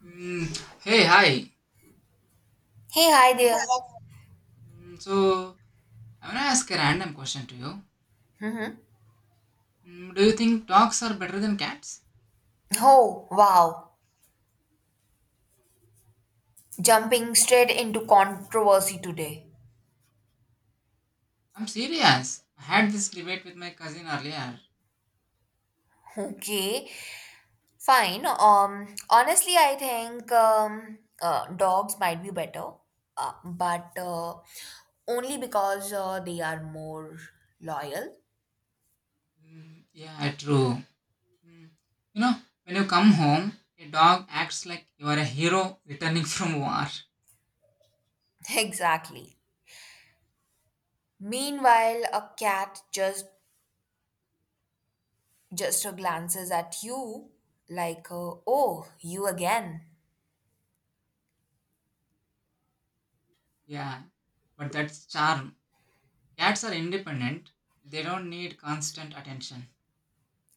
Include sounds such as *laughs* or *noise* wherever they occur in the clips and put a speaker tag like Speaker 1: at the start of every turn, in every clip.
Speaker 1: Mm, Hey, hi.
Speaker 2: Hey, hi there.
Speaker 1: Mm, so, I want to ask a random question to you. Do you think dogs are better than cats?
Speaker 2: Oh, wow. Jumping straight into controversy today.
Speaker 1: I'm serious. I had this debate with my cousin earlier.
Speaker 2: Okay, fine. Honestly, I think dogs might be better, but only because they are more loyal.
Speaker 1: Mm, yeah, true. Mm, you know, when you come home, a dog acts like you are a hero returning *laughs* from war.
Speaker 2: *laughs* Exactly. Meanwhile, a cat just glances at you like, "Oh, you again."
Speaker 1: Yeah, but that's charm. Cats are independent, they don't need constant attention.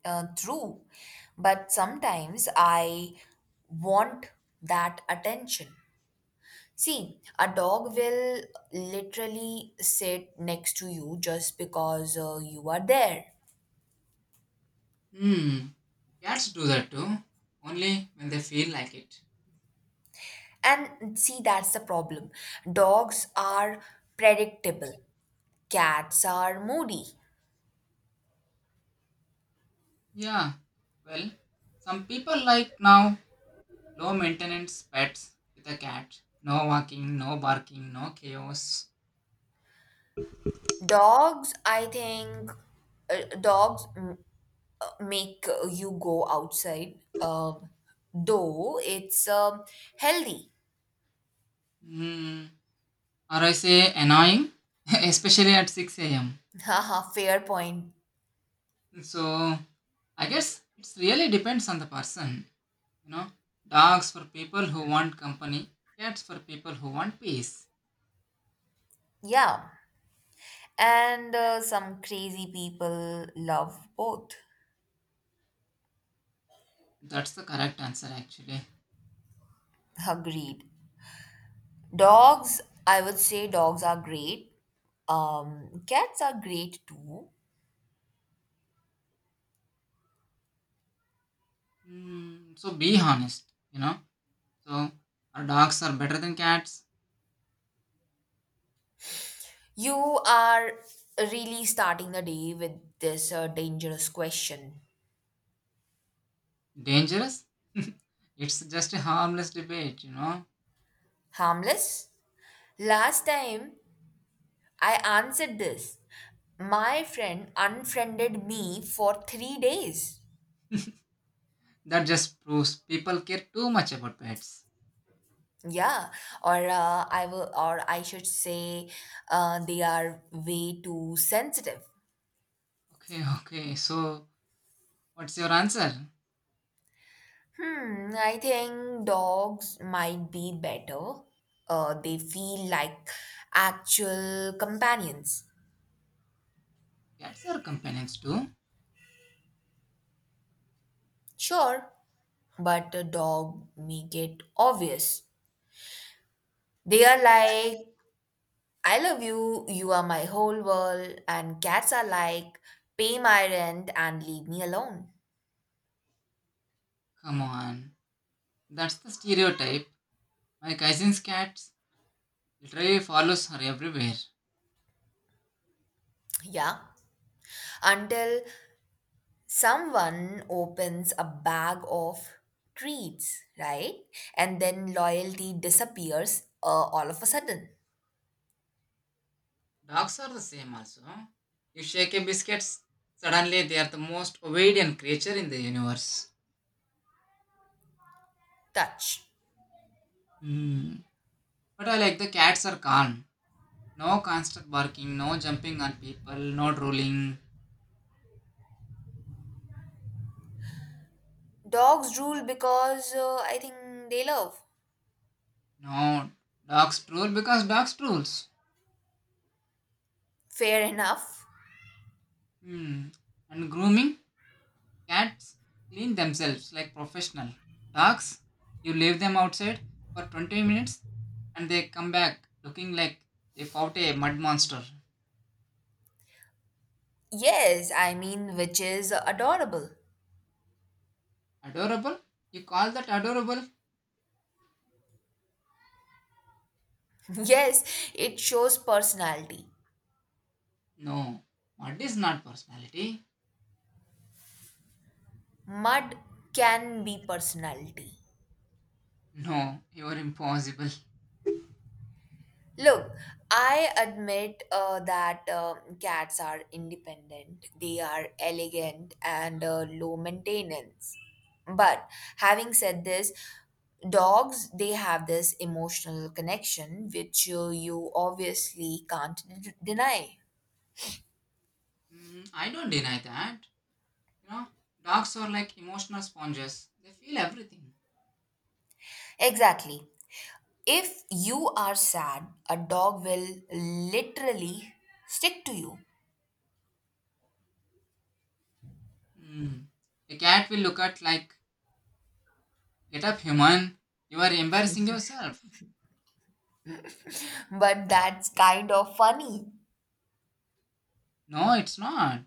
Speaker 2: True, but sometimes I want that attention. See, a dog will literally sit next to you just because you are there.
Speaker 1: Hmm, cats do that too, only when they feel like it.
Speaker 2: And see, that's the problem. Dogs are predictable, cats are moody.
Speaker 1: Yeah, well, some people like now low maintenance pets with a cat. No walking, no barking, no chaos.
Speaker 2: Dogs, I think, uh, dogs m- make you go outside, though it's healthy.
Speaker 1: Hmm. Or I say annoying, *laughs* especially at 6 am.
Speaker 2: Haha, fair point.
Speaker 1: So I guess it's really depends on the person. You know, dogs for people who want company, cats for people who want peace.
Speaker 2: Yeah. And some crazy people love both.
Speaker 1: That's the correct answer actually.
Speaker 2: Agreed. Dogs, I would say dogs are great. Cats are great too.
Speaker 1: Hmm. So be honest. So are dogs are better than cats?
Speaker 2: You are really starting the day with this dangerous question.
Speaker 1: Dangerous? It's just a harmless debate.
Speaker 2: Harmless? Last time I answered this, my friend unfriended me for 3 days.
Speaker 1: That just proves people care too much about pets.
Speaker 2: Yeah, or I should say, they are way too sensitive.
Speaker 1: Okay, okay, so what's your answer?
Speaker 2: Hmm, I think dogs might be better. They feel like actual companions.
Speaker 1: Cats are companions too?
Speaker 2: Sure, but a dog make it obvious. They are like, I love you, you are my whole world, and cats are like, pay my rent and leave me alone.
Speaker 1: Come on, that's the stereotype. My cousin's cats literally follows her everywhere.
Speaker 2: Yeah, until someone opens a bag of treats, right? And then loyalty disappears all of a sudden.
Speaker 1: Dogs are the same also. You shake a biscuit, suddenly they are the most obedient creature in the universe.
Speaker 2: Touch.
Speaker 1: Hmm. But I like the cats are calm. No constant barking, no jumping on people, no drooling.
Speaker 2: Dogs rule because I think they love.
Speaker 1: No, dogs drool because dogs drools.
Speaker 2: Fair enough.
Speaker 1: Hmm. And grooming, cats clean themselves like professional. Dogs, you leave them outside for 20 minutes and they come back looking like they fought a mud monster.
Speaker 2: Yes, I mean, which is adorable.
Speaker 1: Adorable? You call that adorable?
Speaker 2: *laughs* Yes, it shows personality.
Speaker 1: No, mud is not personality.
Speaker 2: Mud can be personality.
Speaker 1: No, you are impossible.
Speaker 2: Look, I admit that cats are independent, they are elegant and low maintenance. But having said this, dogs they have this emotional connection which you obviously can't deny.
Speaker 1: Hmm, I don't deny that. You know, Dogs are like emotional sponges. They feel everything.
Speaker 2: Exactly. If you are sad, a dog will literally stick to you.
Speaker 1: Hmm. A cat will look at like, get up, human. You are embarrassing yourself.
Speaker 2: But that's kind of funny.
Speaker 1: No, it's not.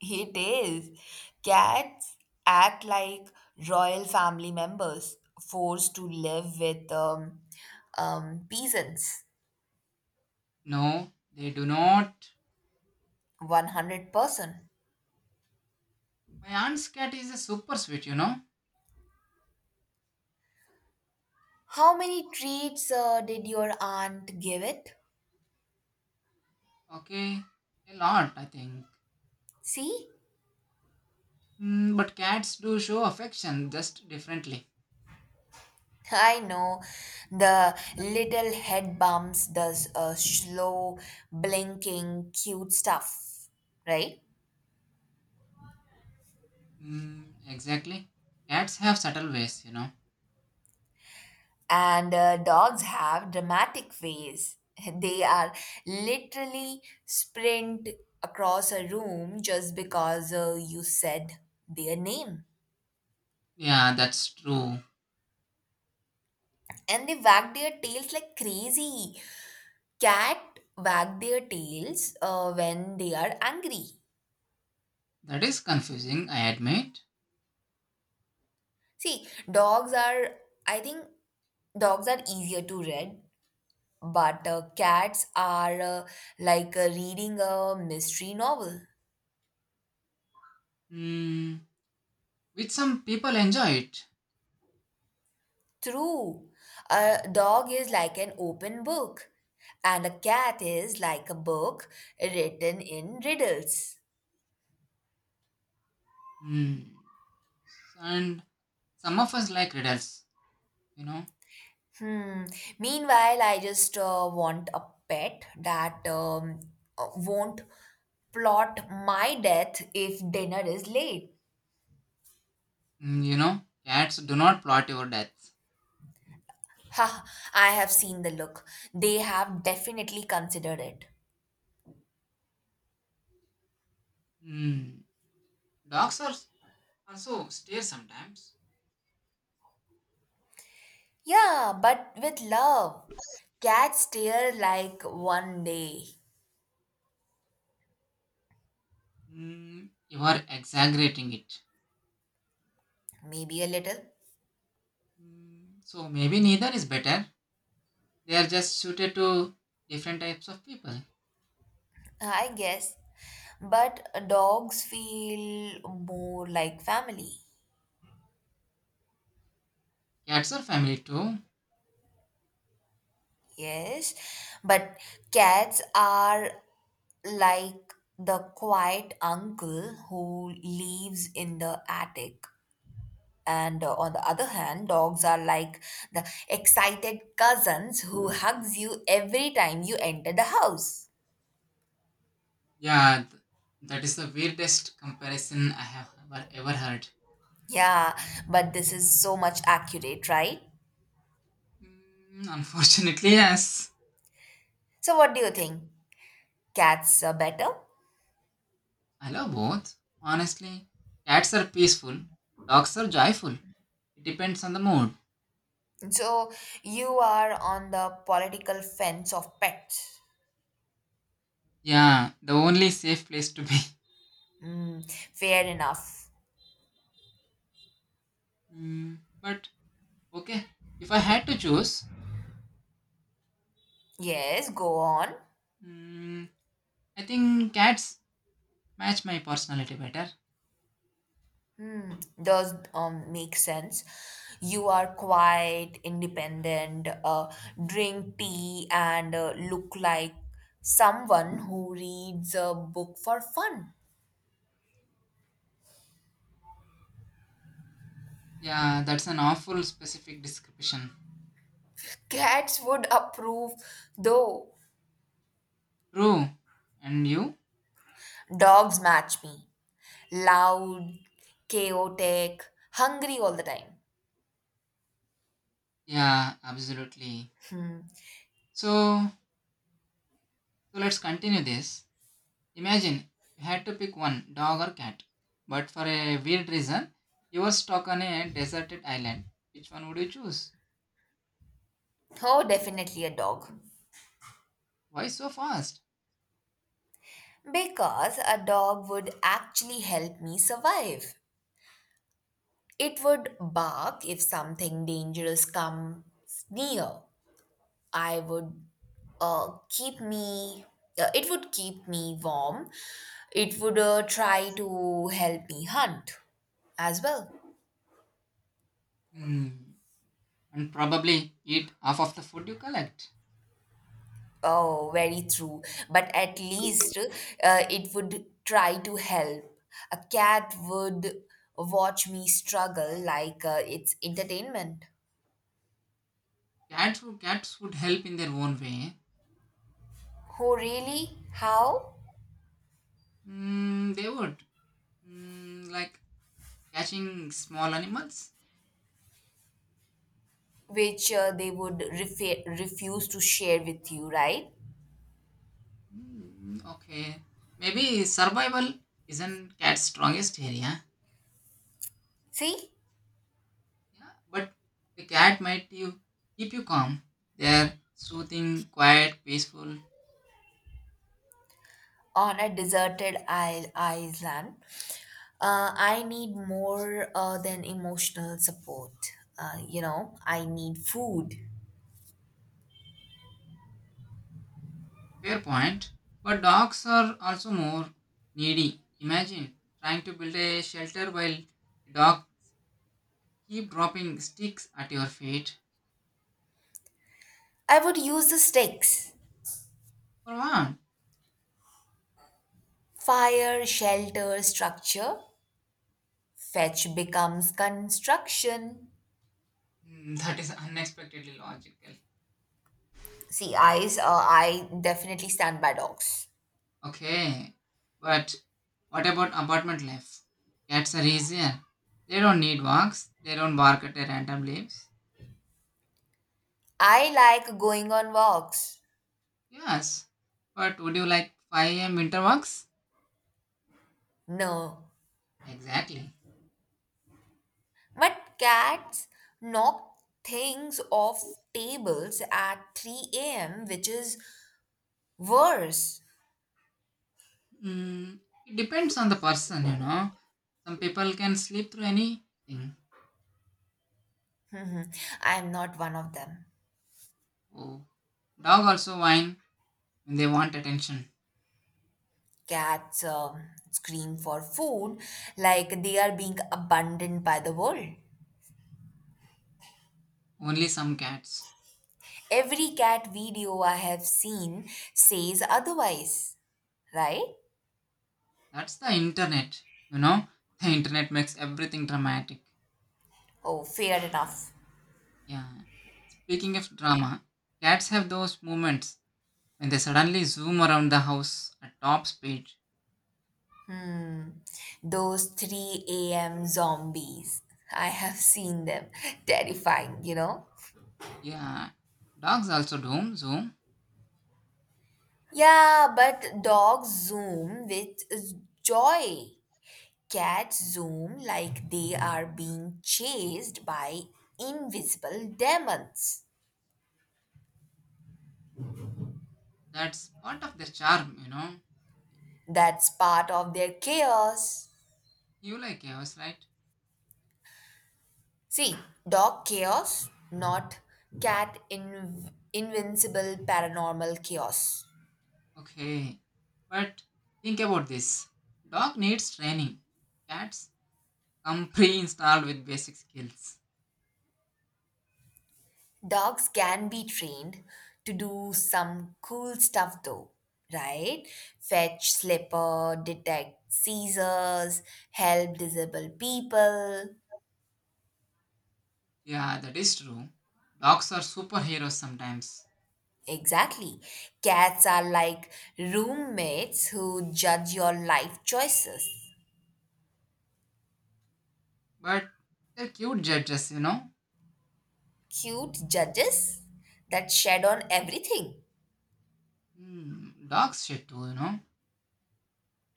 Speaker 2: It is. Cats act like royal family members forced to live with peasants.
Speaker 1: No, they do not.
Speaker 2: 100%.
Speaker 1: My aunt's cat is a super sweet.
Speaker 2: How many treats did your aunt give it?
Speaker 1: Okay, a lot, I think.
Speaker 2: See?
Speaker 1: But cats do show affection just differently.
Speaker 2: *laughs* I know the little head bumps does a slow blinking cute stuff, right?
Speaker 1: Exactly. Cats have subtle ways.
Speaker 2: And dogs have dramatic ways. *laughs* They are literally sprint across a room just because you said their name.
Speaker 1: Yeah, that's true.
Speaker 2: And they wag their tails like crazy. Cat wag their tails when they are angry.
Speaker 1: That is confusing, I admit.
Speaker 2: See, dogs are, I think, dogs are easier to read, but cats are like reading a mystery novel.
Speaker 1: Mm, with some people enjoy it.
Speaker 2: True. A dog is like an open book, and a cat is like a book written in riddles.
Speaker 1: Mm, and some of us like riddles, you know
Speaker 2: Hmm. Meanwhile, I just want a pet that won't plot my death if dinner is late.
Speaker 1: Cats do not plot your deaths.
Speaker 2: Ha, I have seen the look. They have definitely considered it.
Speaker 1: Mm, Dogs are also stare sometimes.
Speaker 2: Yeah, but with love. Cats stare like one day,
Speaker 1: You are exaggerating it.
Speaker 2: maybe a little.
Speaker 1: So maybe neither is better. They are just suited to different types of people.
Speaker 2: I guess. But dogs feel more like family.
Speaker 1: Cats are family too.
Speaker 2: Yes. But cats are like the quiet uncle who lives in the attic. And on the other hand, dogs are like the excited cousins who hugs you every time you enter the house.
Speaker 1: Yeah, that is the weirdest comparison I have ever heard.
Speaker 2: Yeah, but this is so much accurate, right?
Speaker 1: Unfortunately, yes.
Speaker 2: So, what do you think? Cats are better?
Speaker 1: I love both. Honestly, cats are peaceful, dogs are joyful. It depends on the mood.
Speaker 2: So you are on the political fence of pets.
Speaker 1: Yeah, the only safe place to be. *laughs*
Speaker 2: Mm, fair enough.
Speaker 1: Mm, but Okay, if I had to choose,
Speaker 2: Yes, go on.
Speaker 1: mm, I think cats match my personality better.
Speaker 2: Does make sense. You are quite independent, drink tea, and look like someone who reads a book for fun.
Speaker 1: Yeah, that's an awful specific description.
Speaker 2: Cats would approve, though.
Speaker 1: True. And you?
Speaker 2: Dogs match me. Loud, chaotic, hungry all the time.
Speaker 1: Yeah, absolutely. So, so let's continue this. Imagine you had to pick one dog or cat, but for a weird reason, you were stuck on a deserted island. Which one would you choose?
Speaker 2: Oh, definitely a dog.
Speaker 1: Why so fast?
Speaker 2: Because a dog would actually help me survive. It would bark if something dangerous comes near. I would keep me. It would keep me warm. It would try to help me hunt as well.
Speaker 1: Hmm. And probably eat half of the food you collect.
Speaker 2: Oh, very true. But at least it would try to help. A cat would watch me struggle like it's entertainment.
Speaker 1: Cats would help in their own way.
Speaker 2: Who really? How?
Speaker 1: They would. Like catching small animals.
Speaker 2: Which refuse to share with you, right?
Speaker 1: Okay. Maybe survival isn't cat's strongest area.
Speaker 2: See,
Speaker 1: Yeah, but the cat might you keep you calm. They're soothing, quiet, peaceful.
Speaker 2: on a island, I need more than emotional support. You know, I need food.
Speaker 1: Fair point. But dogs are also more needy. Imagine trying to build a shelter while a dog keep dropping sticks at your feet.
Speaker 2: I would use the sticks.
Speaker 1: For what?
Speaker 2: Fire, shelter, structure. Fetch becomes construction.
Speaker 1: Hmm, that is unexpectedly logical.
Speaker 2: See, I definitely stand by dogs.
Speaker 1: Okay, but what about apartment life? Cats are easier. They don't need walks. They don't bark at their random leaves.
Speaker 2: I like going on walks.
Speaker 1: Yes, but would you like 5 a.m. winter walks?
Speaker 2: No,
Speaker 1: Exactly.
Speaker 2: but cats knock things off tables at 3 a.m., which is worse.
Speaker 1: Mm, it depends on the person. Some people can sleep through anything.
Speaker 2: *laughs* I'm not one of them.
Speaker 1: Oh, dog also whine when they want attention.
Speaker 2: Cats scream for food like they are being abandoned by the world.
Speaker 1: Only some cats.
Speaker 2: Every cat video I have seen says otherwise, right?
Speaker 1: That's the internet. You know, the internet makes everything dramatic.
Speaker 2: Oh, fair enough.
Speaker 1: Yeah. Speaking of drama, cats have those moments when they suddenly zoom around the house at top speed.
Speaker 2: Those 3 a.m. zombies. *laughs* I have seen them. *laughs* Terrifying, you know?
Speaker 1: Yeah. Dogs also do zoom.
Speaker 2: Yeah, but dogs zoom with joy. Cats zoom like they are being chased by invisible demons.
Speaker 1: That's part of their charm, you know.
Speaker 2: That's part of their chaos.
Speaker 1: You like chaos, right?
Speaker 2: See, dog chaos, not cat invincible paranormal chaos.
Speaker 1: Okay. But think about this. Dog needs training. Cats come pre-installed with basic skills.
Speaker 2: Dogs can be trained to do some cool stuff though, right? Fetch slipper, detect seizures, help disabled people.
Speaker 1: Yeah, that is true. Dogs are superheroes sometimes.
Speaker 2: Exactly. Cats are like roommates who judge your life choices.
Speaker 1: But they're cute judges.
Speaker 2: Cute judges that shed on everything. *laughs*
Speaker 1: Dogs shed too, you know.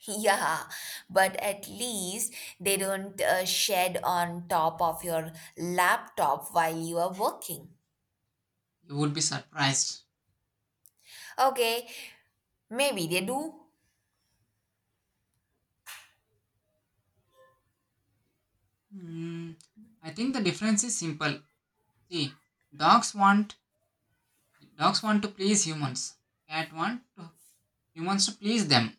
Speaker 2: Yeah, but at least they don't shed on top of your laptop while you are working.
Speaker 1: You would be surprised.
Speaker 2: Okay, maybe they do.
Speaker 1: Mm, I think the difference is simple. See, dogs want dogs want to please humans. Cat want to, Humans to please them.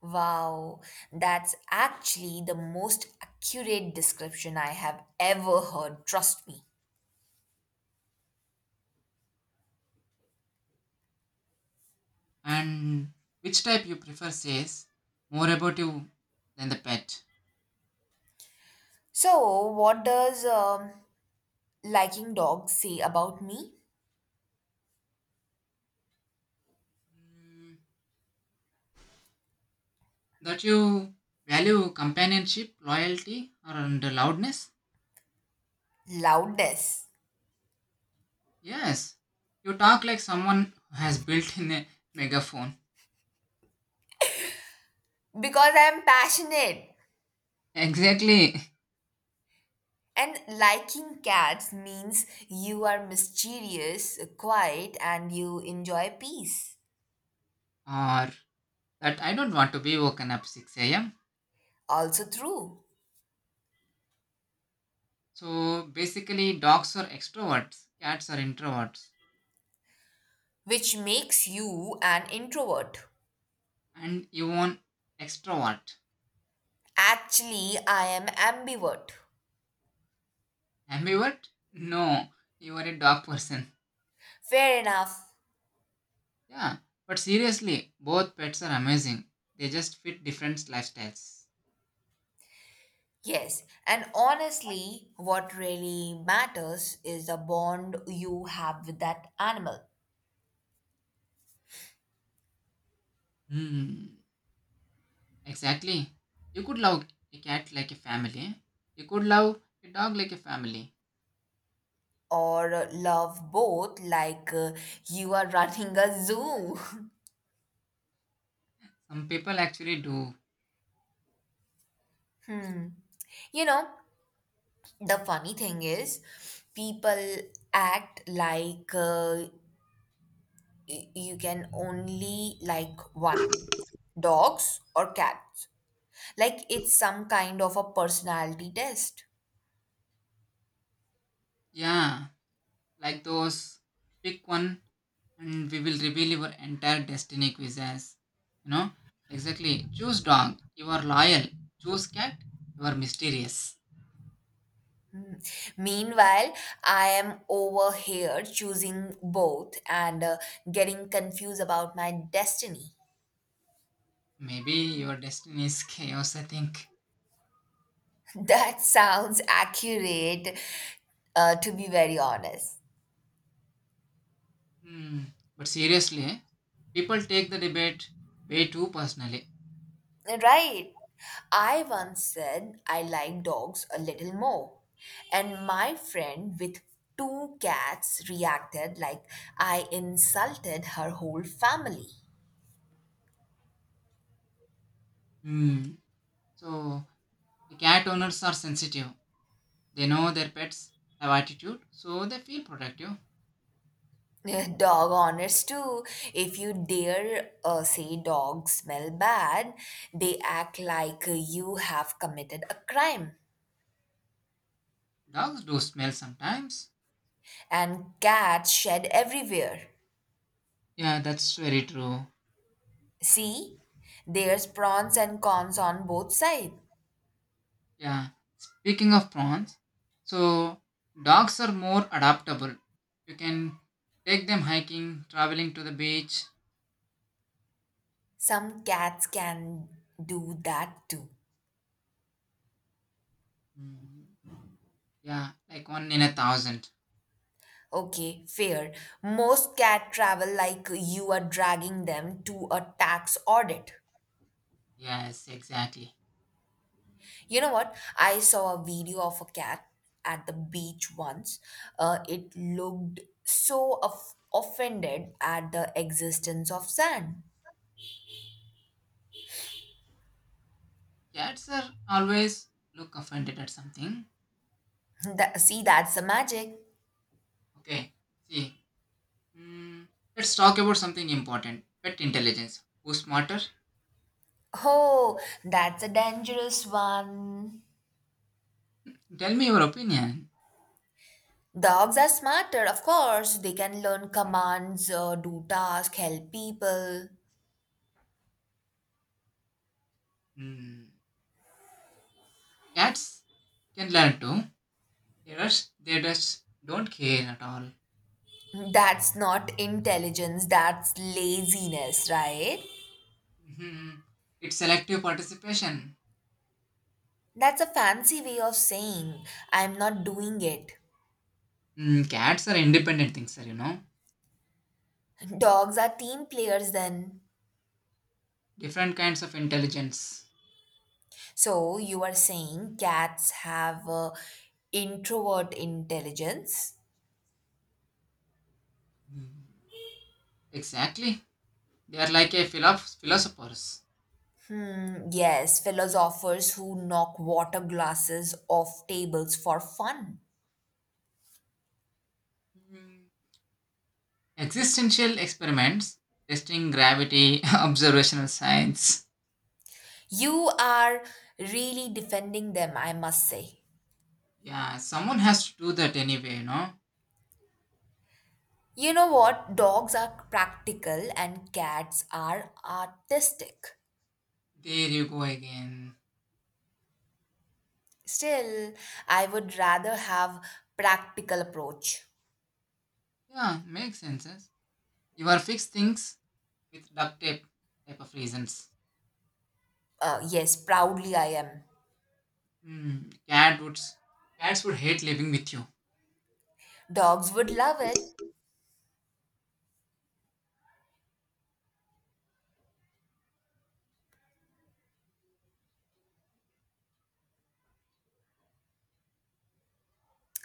Speaker 2: Wow, that's actually the most accurate description I have ever heard, trust me.
Speaker 1: And which type you prefer says more about you than the pet.
Speaker 2: So, what does liking dogs say about me?
Speaker 1: Mm, that you value companionship, loyalty, and loudness.
Speaker 2: Loudness.
Speaker 1: Yes, you talk like someone who has built in a megaphone.
Speaker 2: Because I'm passionate.
Speaker 1: Exactly.
Speaker 2: And liking cats means you are mysterious, quiet, and you enjoy peace.
Speaker 1: Or that I don't want to be woken up 6 a.m.
Speaker 2: Also true.
Speaker 1: So basically, dogs are extroverts, cats are introverts,
Speaker 2: Which makes you an introvert.
Speaker 1: and you want extrovert.
Speaker 2: Actually, I am ambivert.
Speaker 1: Ambivert? No, you are a dog person.
Speaker 2: Fair enough.
Speaker 1: Yeah, but seriously, both pets are amazing. They just fit different lifestyles.
Speaker 2: Yes. And honestly, what really matters is the bond you have with that animal.
Speaker 1: Hmm, exactly. You could love a cat like a family. You could love a dog like a family.
Speaker 2: Or love both like you are running a zoo.
Speaker 1: Some people actually do.
Speaker 2: *laughs* You know, the funny thing is, people act like you can only like one dogs or cats. Like it's some kind of a personality test.
Speaker 1: Yeah, like those pick one and we will reveal your entire destiny quizzes, you know exactly, choose dog you are loyal, choose cat you are mysterious.
Speaker 2: Mm. Meanwhile, I am over here choosing both and getting confused about my destiny.
Speaker 1: Maybe your destiny is chaos, I think.
Speaker 2: *laughs* That sounds accurate, to be very honest.
Speaker 1: Hmm. But seriously, people take the debate way too personally.
Speaker 2: Right. I once said I like dogs a little more, and my friend with two cats reacted like I insulted her whole family.
Speaker 1: Hmm. So the cat owners are sensitive, they know their pets have attitude so they feel protective.
Speaker 2: *laughs* Dog owners too. If you dare say dogs smell bad, they act like you have committed a crime.
Speaker 1: Dogs do smell sometimes.
Speaker 2: And cats shed everywhere.
Speaker 1: Yeah, that's very true.
Speaker 2: See, there's pros and cons on both sides.
Speaker 1: Yeah. Speaking of prawns, so dogs are more adaptable. You can take them hiking, traveling to the beach.
Speaker 2: Some cats can do that too.
Speaker 1: Mm, yeah, like one in a thousand.
Speaker 2: Okay, fair. Most cat travel like you are dragging them to a tax audit.
Speaker 1: Yes, exactly.
Speaker 2: You know what? I saw a video of a cat at the beach once. It looked so offended at the existence of sand.
Speaker 1: Cats are always look offended at something.
Speaker 2: *laughs* That, see, that's the magic.
Speaker 1: Okay, see. Mm, let's talk about something important. Pet intelligence. Who's smarter?
Speaker 2: Oh, that's a dangerous one.
Speaker 1: Tell me your opinion.
Speaker 2: Dogs are smarter, of course. They can learn commands, do tasks, help people.
Speaker 1: Mm, Cats can learn too. They just don't care at all.
Speaker 2: That's not intelligence, that's laziness, right?
Speaker 1: Mhm. It's selective participation.
Speaker 2: That's a fancy way of saying I'm not doing it.
Speaker 1: Cats are independent things, sir, you know.
Speaker 2: Dogs are team players then.
Speaker 1: Different kinds of intelligence.
Speaker 2: So you are saying cats have introvert intelligence?
Speaker 1: Mm, Exactly. They are like a philosophers.
Speaker 2: Mm, yes, philosophers who knock water glasses off tables for fun.
Speaker 1: Mm. Existential experiments, testing gravity, *laughs* observational science.
Speaker 2: You are really defending them, I must say.
Speaker 1: Yeah, someone has to do that anyway, you know.
Speaker 2: You know what? Dogs are practical and cats are artistic.
Speaker 1: There you go again.
Speaker 2: Still, I would rather have practical approach.
Speaker 1: Yeah, makes sense. Yes. You are fixed things with duct tape type of reasons.
Speaker 2: Yes, proudly I am.
Speaker 1: Mm. Cats would hate living with you.
Speaker 2: Dogs would love it.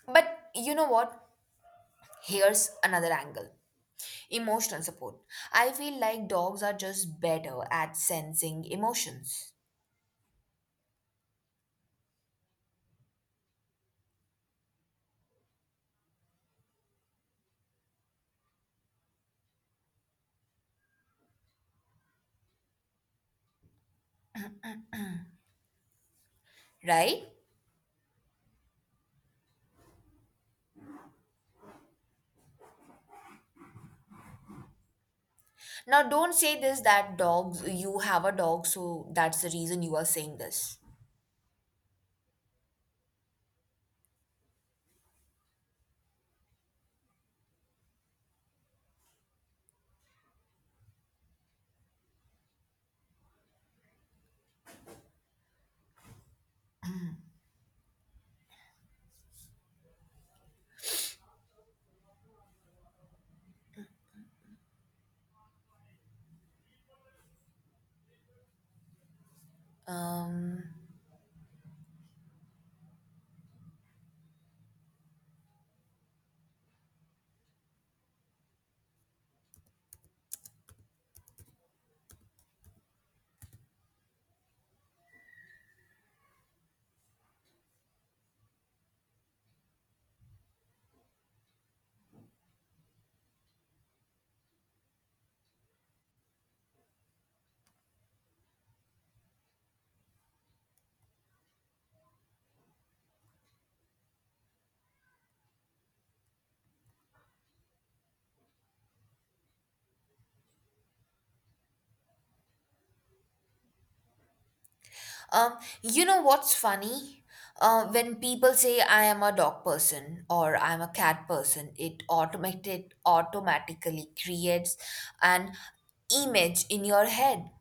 Speaker 2: But you know what? Here's another angle, emotional support. I feel like dogs are just better at sensing emotions, right? Now, don't say this that dogs, you have a dog, so that's the reason you are saying this. Um, you know what's funny? When people say I am a dog person or I'm a cat person, it automated automatically creates an image in your head.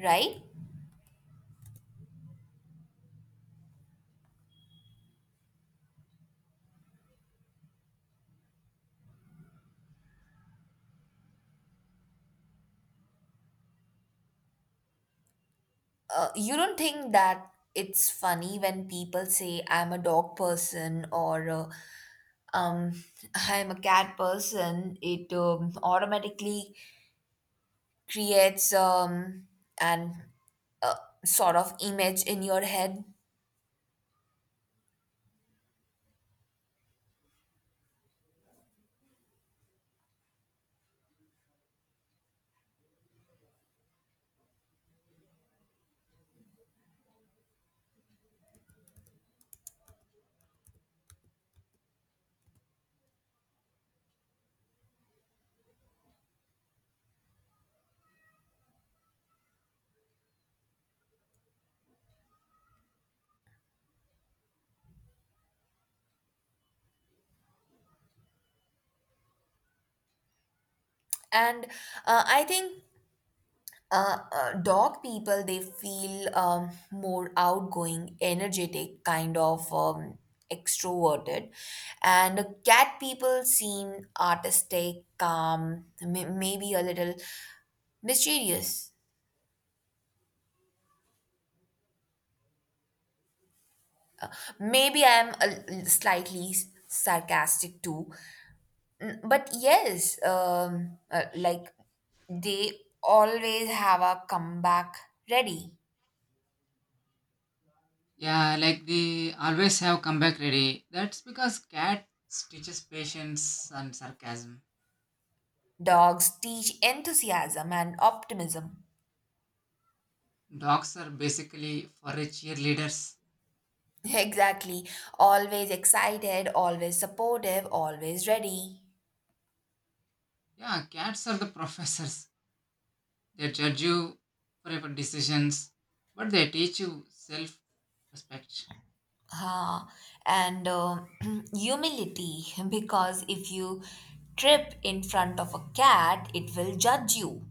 Speaker 2: Right? You don't think that it's funny when people say I'm a dog person or um, *laughs* I'm a cat person. It automatically creates an uh, sort of image in your head, and I think dog people they feel more outgoing energetic kind of extroverted, and cat people seem artistic calm, maybe a little mysterious, maybe slightly sarcastic too. Mm, but yes like they always have a comeback ready.
Speaker 1: Yeah, like they always have comeback ready. That's because cats teaches patience and sarcasm.
Speaker 2: Dogs teach enthusiasm and optimism.
Speaker 1: Dogs are basically forage cheerleaders.
Speaker 2: Exactly. Always excited, always supportive, always ready.
Speaker 1: Yeah, cats are the *laughs* professors. They judge you for your decisions, but they teach you self-respect.
Speaker 2: Ah, and *clears throat* humility, *laughs* because if you trip in front of a cat, it will judge you.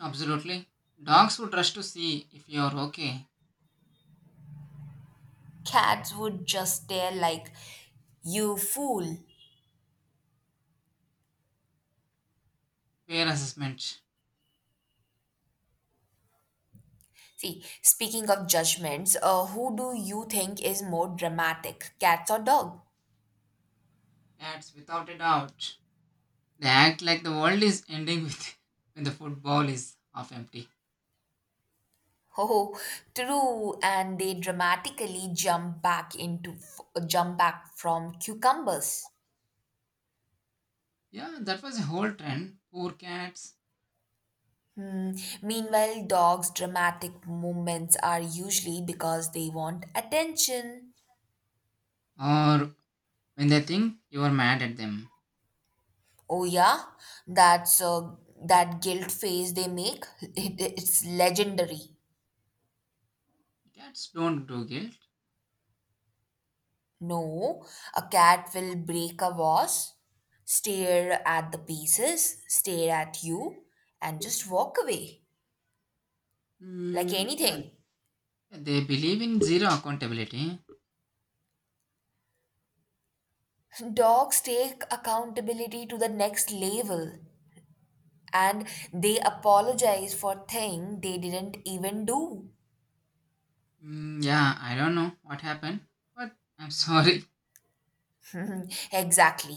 Speaker 1: Absolutely. Dogs would rush to see if you are okay.
Speaker 2: Cats would just stare like, you fool.
Speaker 1: Fair assessment.
Speaker 2: See, speaking of judgments, who do you think is more dramatic, cats or dogs?
Speaker 1: Cats, without a doubt, they act like the world is ending with *laughs* when the football is half empty.
Speaker 2: Oh, true. And they dramatically jump back from cucumbers.
Speaker 1: Yeah, that was a whole trend. Poor cats,
Speaker 2: Hmm. Meanwhile, dogs' dramatic movements are usually because they want attention.
Speaker 1: or when they think you are mad at them.
Speaker 2: Oh yeah, that's that guilt face they make. It's legendary.
Speaker 1: Cats don't do guilt.
Speaker 2: No, a cat will break a vase, stare at the pieces, stare at you, and just walk away like
Speaker 1: Mm, yeah,
Speaker 2: anything.
Speaker 1: they believe in zero accountability.
Speaker 2: Dogs take accountability to the next level and they apologize for things they didn't even do.
Speaker 1: Mm, yeah, I don't know what happened, but I'm *laughs* sorry.
Speaker 2: *laughs* Exactly.